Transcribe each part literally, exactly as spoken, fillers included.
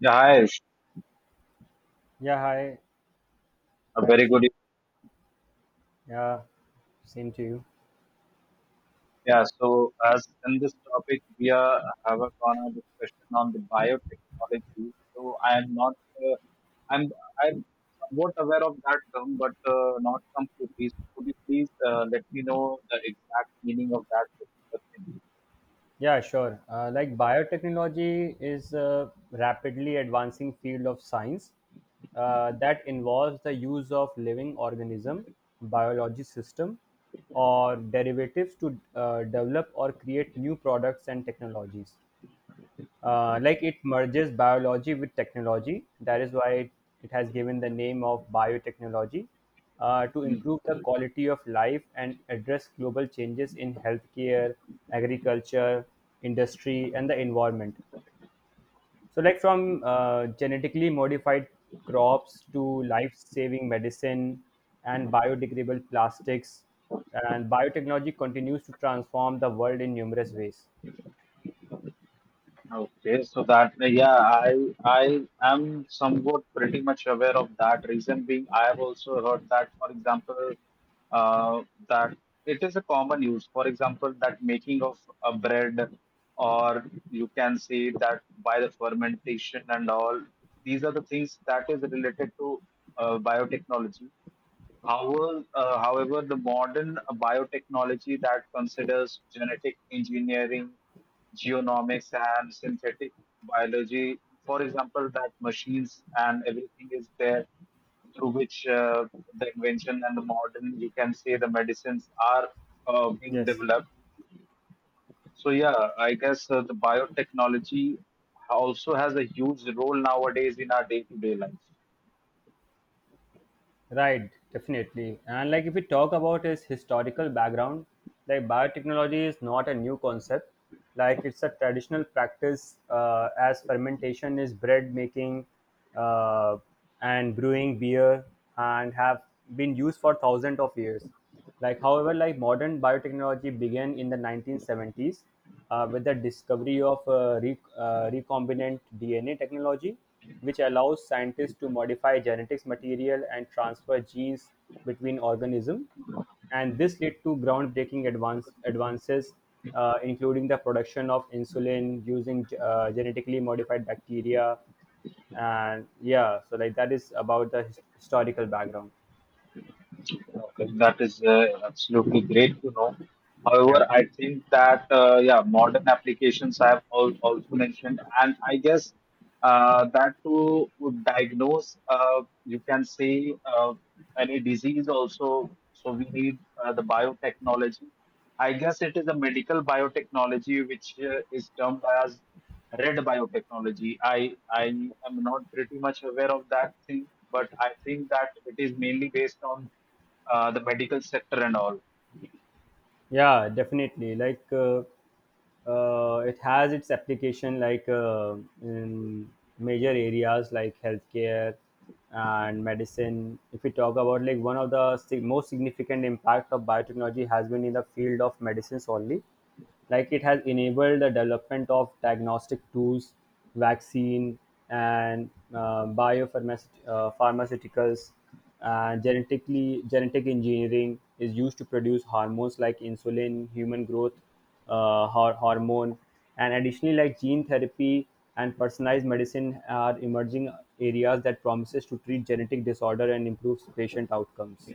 Yeah, hi. Yeah, hi. A Hi, very Rishi. good evening. Yeah, same to you. Yeah, so as in this topic, we are have a corner discussion on the biotechnology. So I am not, uh, I'm, I'm somewhat aware of that term, but uh, not completely. So could you please uh, let me know the exact meaning of that particular Yeah, sure. Uh, like biotechnology is a rapidly advancing field of science uh, that involves the use of living organism, biology system, or derivatives to uh, develop or create new products and technologies. uh, like it merges biology with technology. That is why it, it has given the name of biotechnology uh, to thing? improve the quality of life and address global changes in healthcare, agriculture, industry, and the environment. So, like from uh, genetically modified crops to life saving medicine and biodegradable plastics, and biotechnology continues to transform the world in numerous ways. Okay, so that yeah, I I am somewhat pretty much aware of that. Reason being, I have also heard that, for example, uh, that it is a common use. For example, that making of a bread, or you can say that by the fermentation and all. These are the things that is related to uh, biotechnology. However, uh, however, the modern biotechnology that considers genetic engineering, genomics, and synthetic biology, for example, that machines and everything is there through which uh, the invention and the modern, you can say, the medicines are uh, being Yes. developed. So, yeah, I guess uh, the biotechnology also has a huge role nowadays in our day to day life. Right, definitely. And like if we talk about his historical background, like biotechnology is not a new concept. Like it's a traditional practice uh, as fermentation is bread making uh, and brewing beer and have been used for thousands of years. Like however, like modern biotechnology began in the nineteen seventies uh, with the discovery of uh, re- uh, recombinant D N A technology, which allows scientists to modify genetics material and transfer genes between organisms, and this led to groundbreaking advance, advances, uh, including the production of insulin using uh, genetically modified bacteria. And yeah, so like that is about the his- historical background. Okay, that is uh, absolutely great to know. Yeah. However, I think that uh, yeah, modern applications I have al- also mentioned, and I guess uh, that to diagnose, uh, you can say uh, any disease also. So we need uh, the biotechnology. I guess it is a medical biotechnology which uh, is termed as red biotechnology. I I am not pretty much aware of that thing, but I think that it is mainly based on uh, the medical sector and all. yeah definitely like uh, uh, it has its application like uh, in major areas like healthcare and medicine. If we talk about like one of the sig- most significant impact of biotechnology has been in the field of medicines only, like it has enabled the development of diagnostic tools, vaccine and uh, biopharmaceuticals, uh, pharmaceuticals, and genetically genetic engineering is used to produce hormones like insulin, human growth uh, hor- hormone, and additionally like gene therapy and personalized medicine are emerging areas that promises to treat genetic disorder and improve patient outcomes.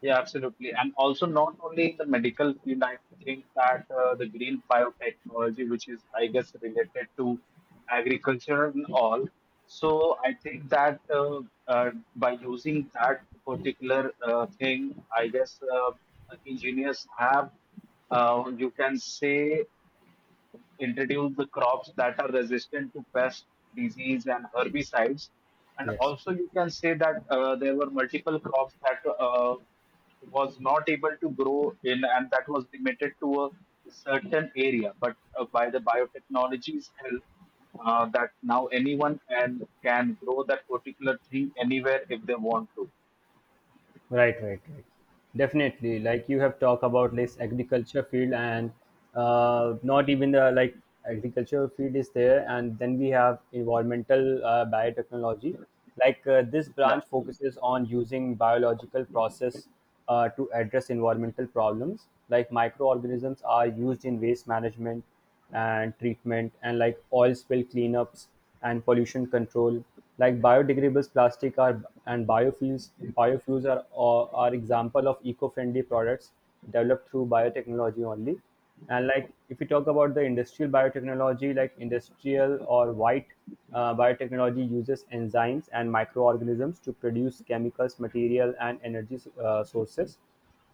Yeah, absolutely. And also, not only in the medical field, I think that uh, the green biotechnology, which is, I guess, related to agriculture and all. So, I think that uh, uh, by using that particular uh, thing, I guess uh, engineers have, uh, you can say, introduce the crops that are resistant to pest, disease, and herbicides. And Yes. also, you can say that uh, there were multiple crops that uh, was not able to grow in, and that was limited to a certain area. But uh, by the biotechnology's help, uh, that now anyone can can grow that particular tree anywhere if they want to. Right, right, right. Definitely. Like you have talked about this agriculture field, and uh, not even the like agriculture field is there. And then we have environmental uh, biotechnology. Like uh, this Yeah, branch focuses on using biological process uh, to address environmental problems. Like microorganisms are used in waste management and treatment, and like oil spill cleanups and pollution control, like biodegradable plastic are and biofuels biofuels are are are example of eco-friendly products developed through biotechnology only. And like if we talk about the industrial biotechnology, like industrial or white uh, biotechnology uses enzymes and microorganisms to produce chemicals material and energy uh, sources,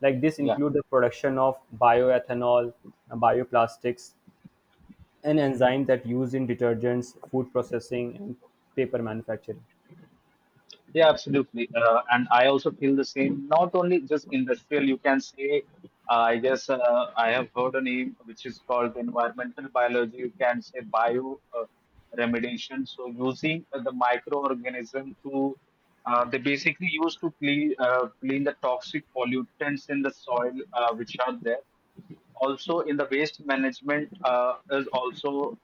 like this yeah. include the production of bioethanol and bioplastics, an enzyme that used in detergents, food processing, and paper manufacturing. Yeah, absolutely. Uh, and I also feel the same. Not only just industrial, you can say, uh, I guess uh, I have heard a name which is called environmental biology. You can say bio uh, remediation. So using uh, the microorganism to, uh, they basically use to clean, uh, clean the toxic pollutants in the soil uh, which are there. Also in the waste management uh, is also,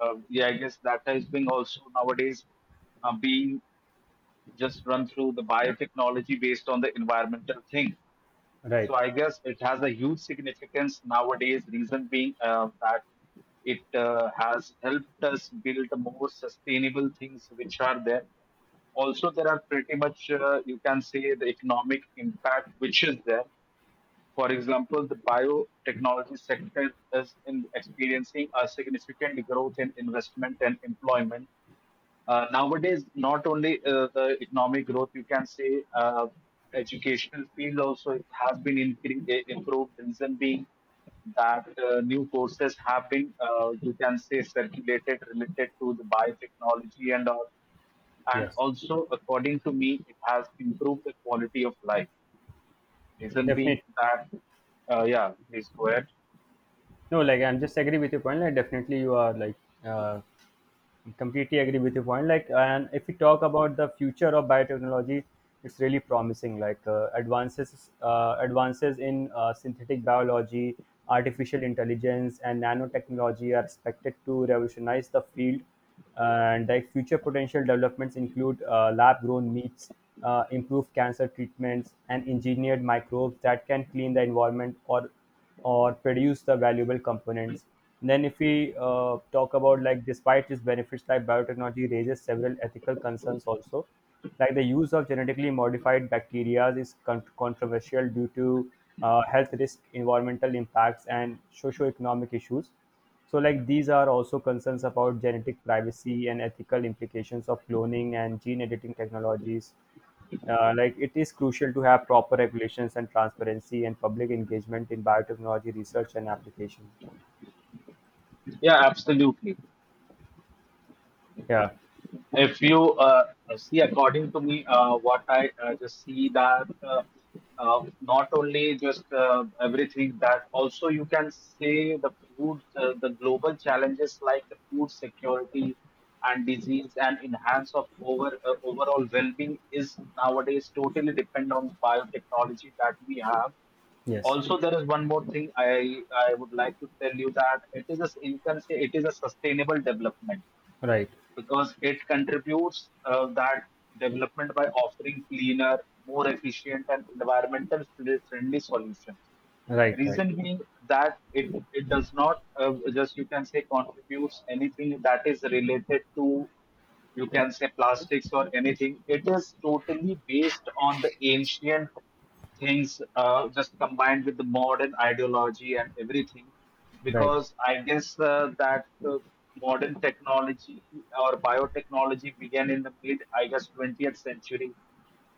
uh, yeah, I guess that has been also nowadays uh, being just run through the biotechnology based on the environmental thing. Right. So I guess it has a huge significance nowadays. Reason being uh, that it uh, has helped us build more sustainable things which are there. Also, there are pretty much uh, you can say the economic impact which is there. For example, the biotechnology sector is in experiencing a significant growth in investment and employment uh, nowadays, not only uh, the economic growth, you can say uh, educational field also it has been incre- eh, improved, reason being that uh, new courses have been uh, you can say circulated related to the biotechnology and all, and Yes. also according to me it has improved the quality of life reason being Definitely. that uh, yeah, please go ahead. No, like I'm just agree with your point. Like definitely, you are like uh, completely agree with your point. Like and if we talk about the future of biotechnology, it's really promising. Like uh, advances uh, advances in uh, synthetic biology, artificial intelligence, and nanotechnology are expected to revolutionize the field, and like future potential developments include uh, lab grown meats, uh, improved cancer treatments, and engineered microbes that can clean the environment or or produce the valuable components. Then, if we uh, talk about like, despite its benefits, like biotechnology raises several ethical concerns also. Like the use of genetically modified bacteria is con- controversial due to uh, health risk, environmental impacts, and socio-economic issues. So, like these are also concerns about genetic privacy and ethical implications of cloning and gene editing technologies. Uh, like it is crucial to have proper regulations and transparency and public engagement in biotechnology research and application. Yeah, absolutely. Yeah. If you uh, see, according to me, uh, what I uh, just see that uh, uh, not only just uh, everything, that also you can say the food, uh, the global challenges like the food security and disease and enhance of over uh, overall well-being is nowadays totally depend on biotechnology that we have. Yes. Also there is one more thing i i would like to tell you that it is a, you can say it is a sustainable development Right. because it contributes uh, that development by offering cleaner, more efficient, and environmental friendly solutions, Right. Right. reason being that it it does not uh, just you can say contributes anything that is related to you can say plastics or anything. It is totally based on the ancient things uh, just combined with the modern ideology and everything, Right. because I guess uh, that uh, modern technology or biotechnology began in the mid I guess twentieth century,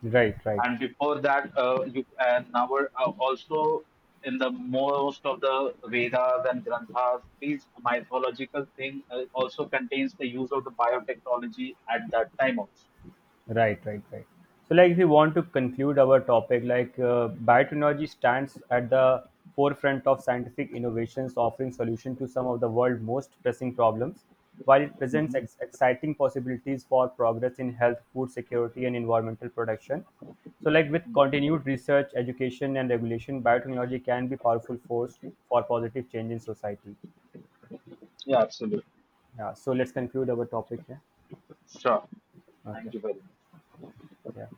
Right. Right. and before that uh, you and now we're uh, also in the most of the vedas and granthas, these mythological thing uh, also contains the use of the biotechnology at that time also. Right, right, right. So, like, if we want to conclude our topic, like, uh, biotechnology stands at the forefront of scientific innovations, offering solution to some of the world's most pressing problems. While it presents Mhm. ex- exciting possibilities for progress in health, food security, and environmental protection, so like with continued research, education, and regulation, biotechnology can be powerful force for positive change in society. Yeah, absolutely. Yeah. So let's conclude our topic here. Sure. Thank Okay. you very much. Yeah.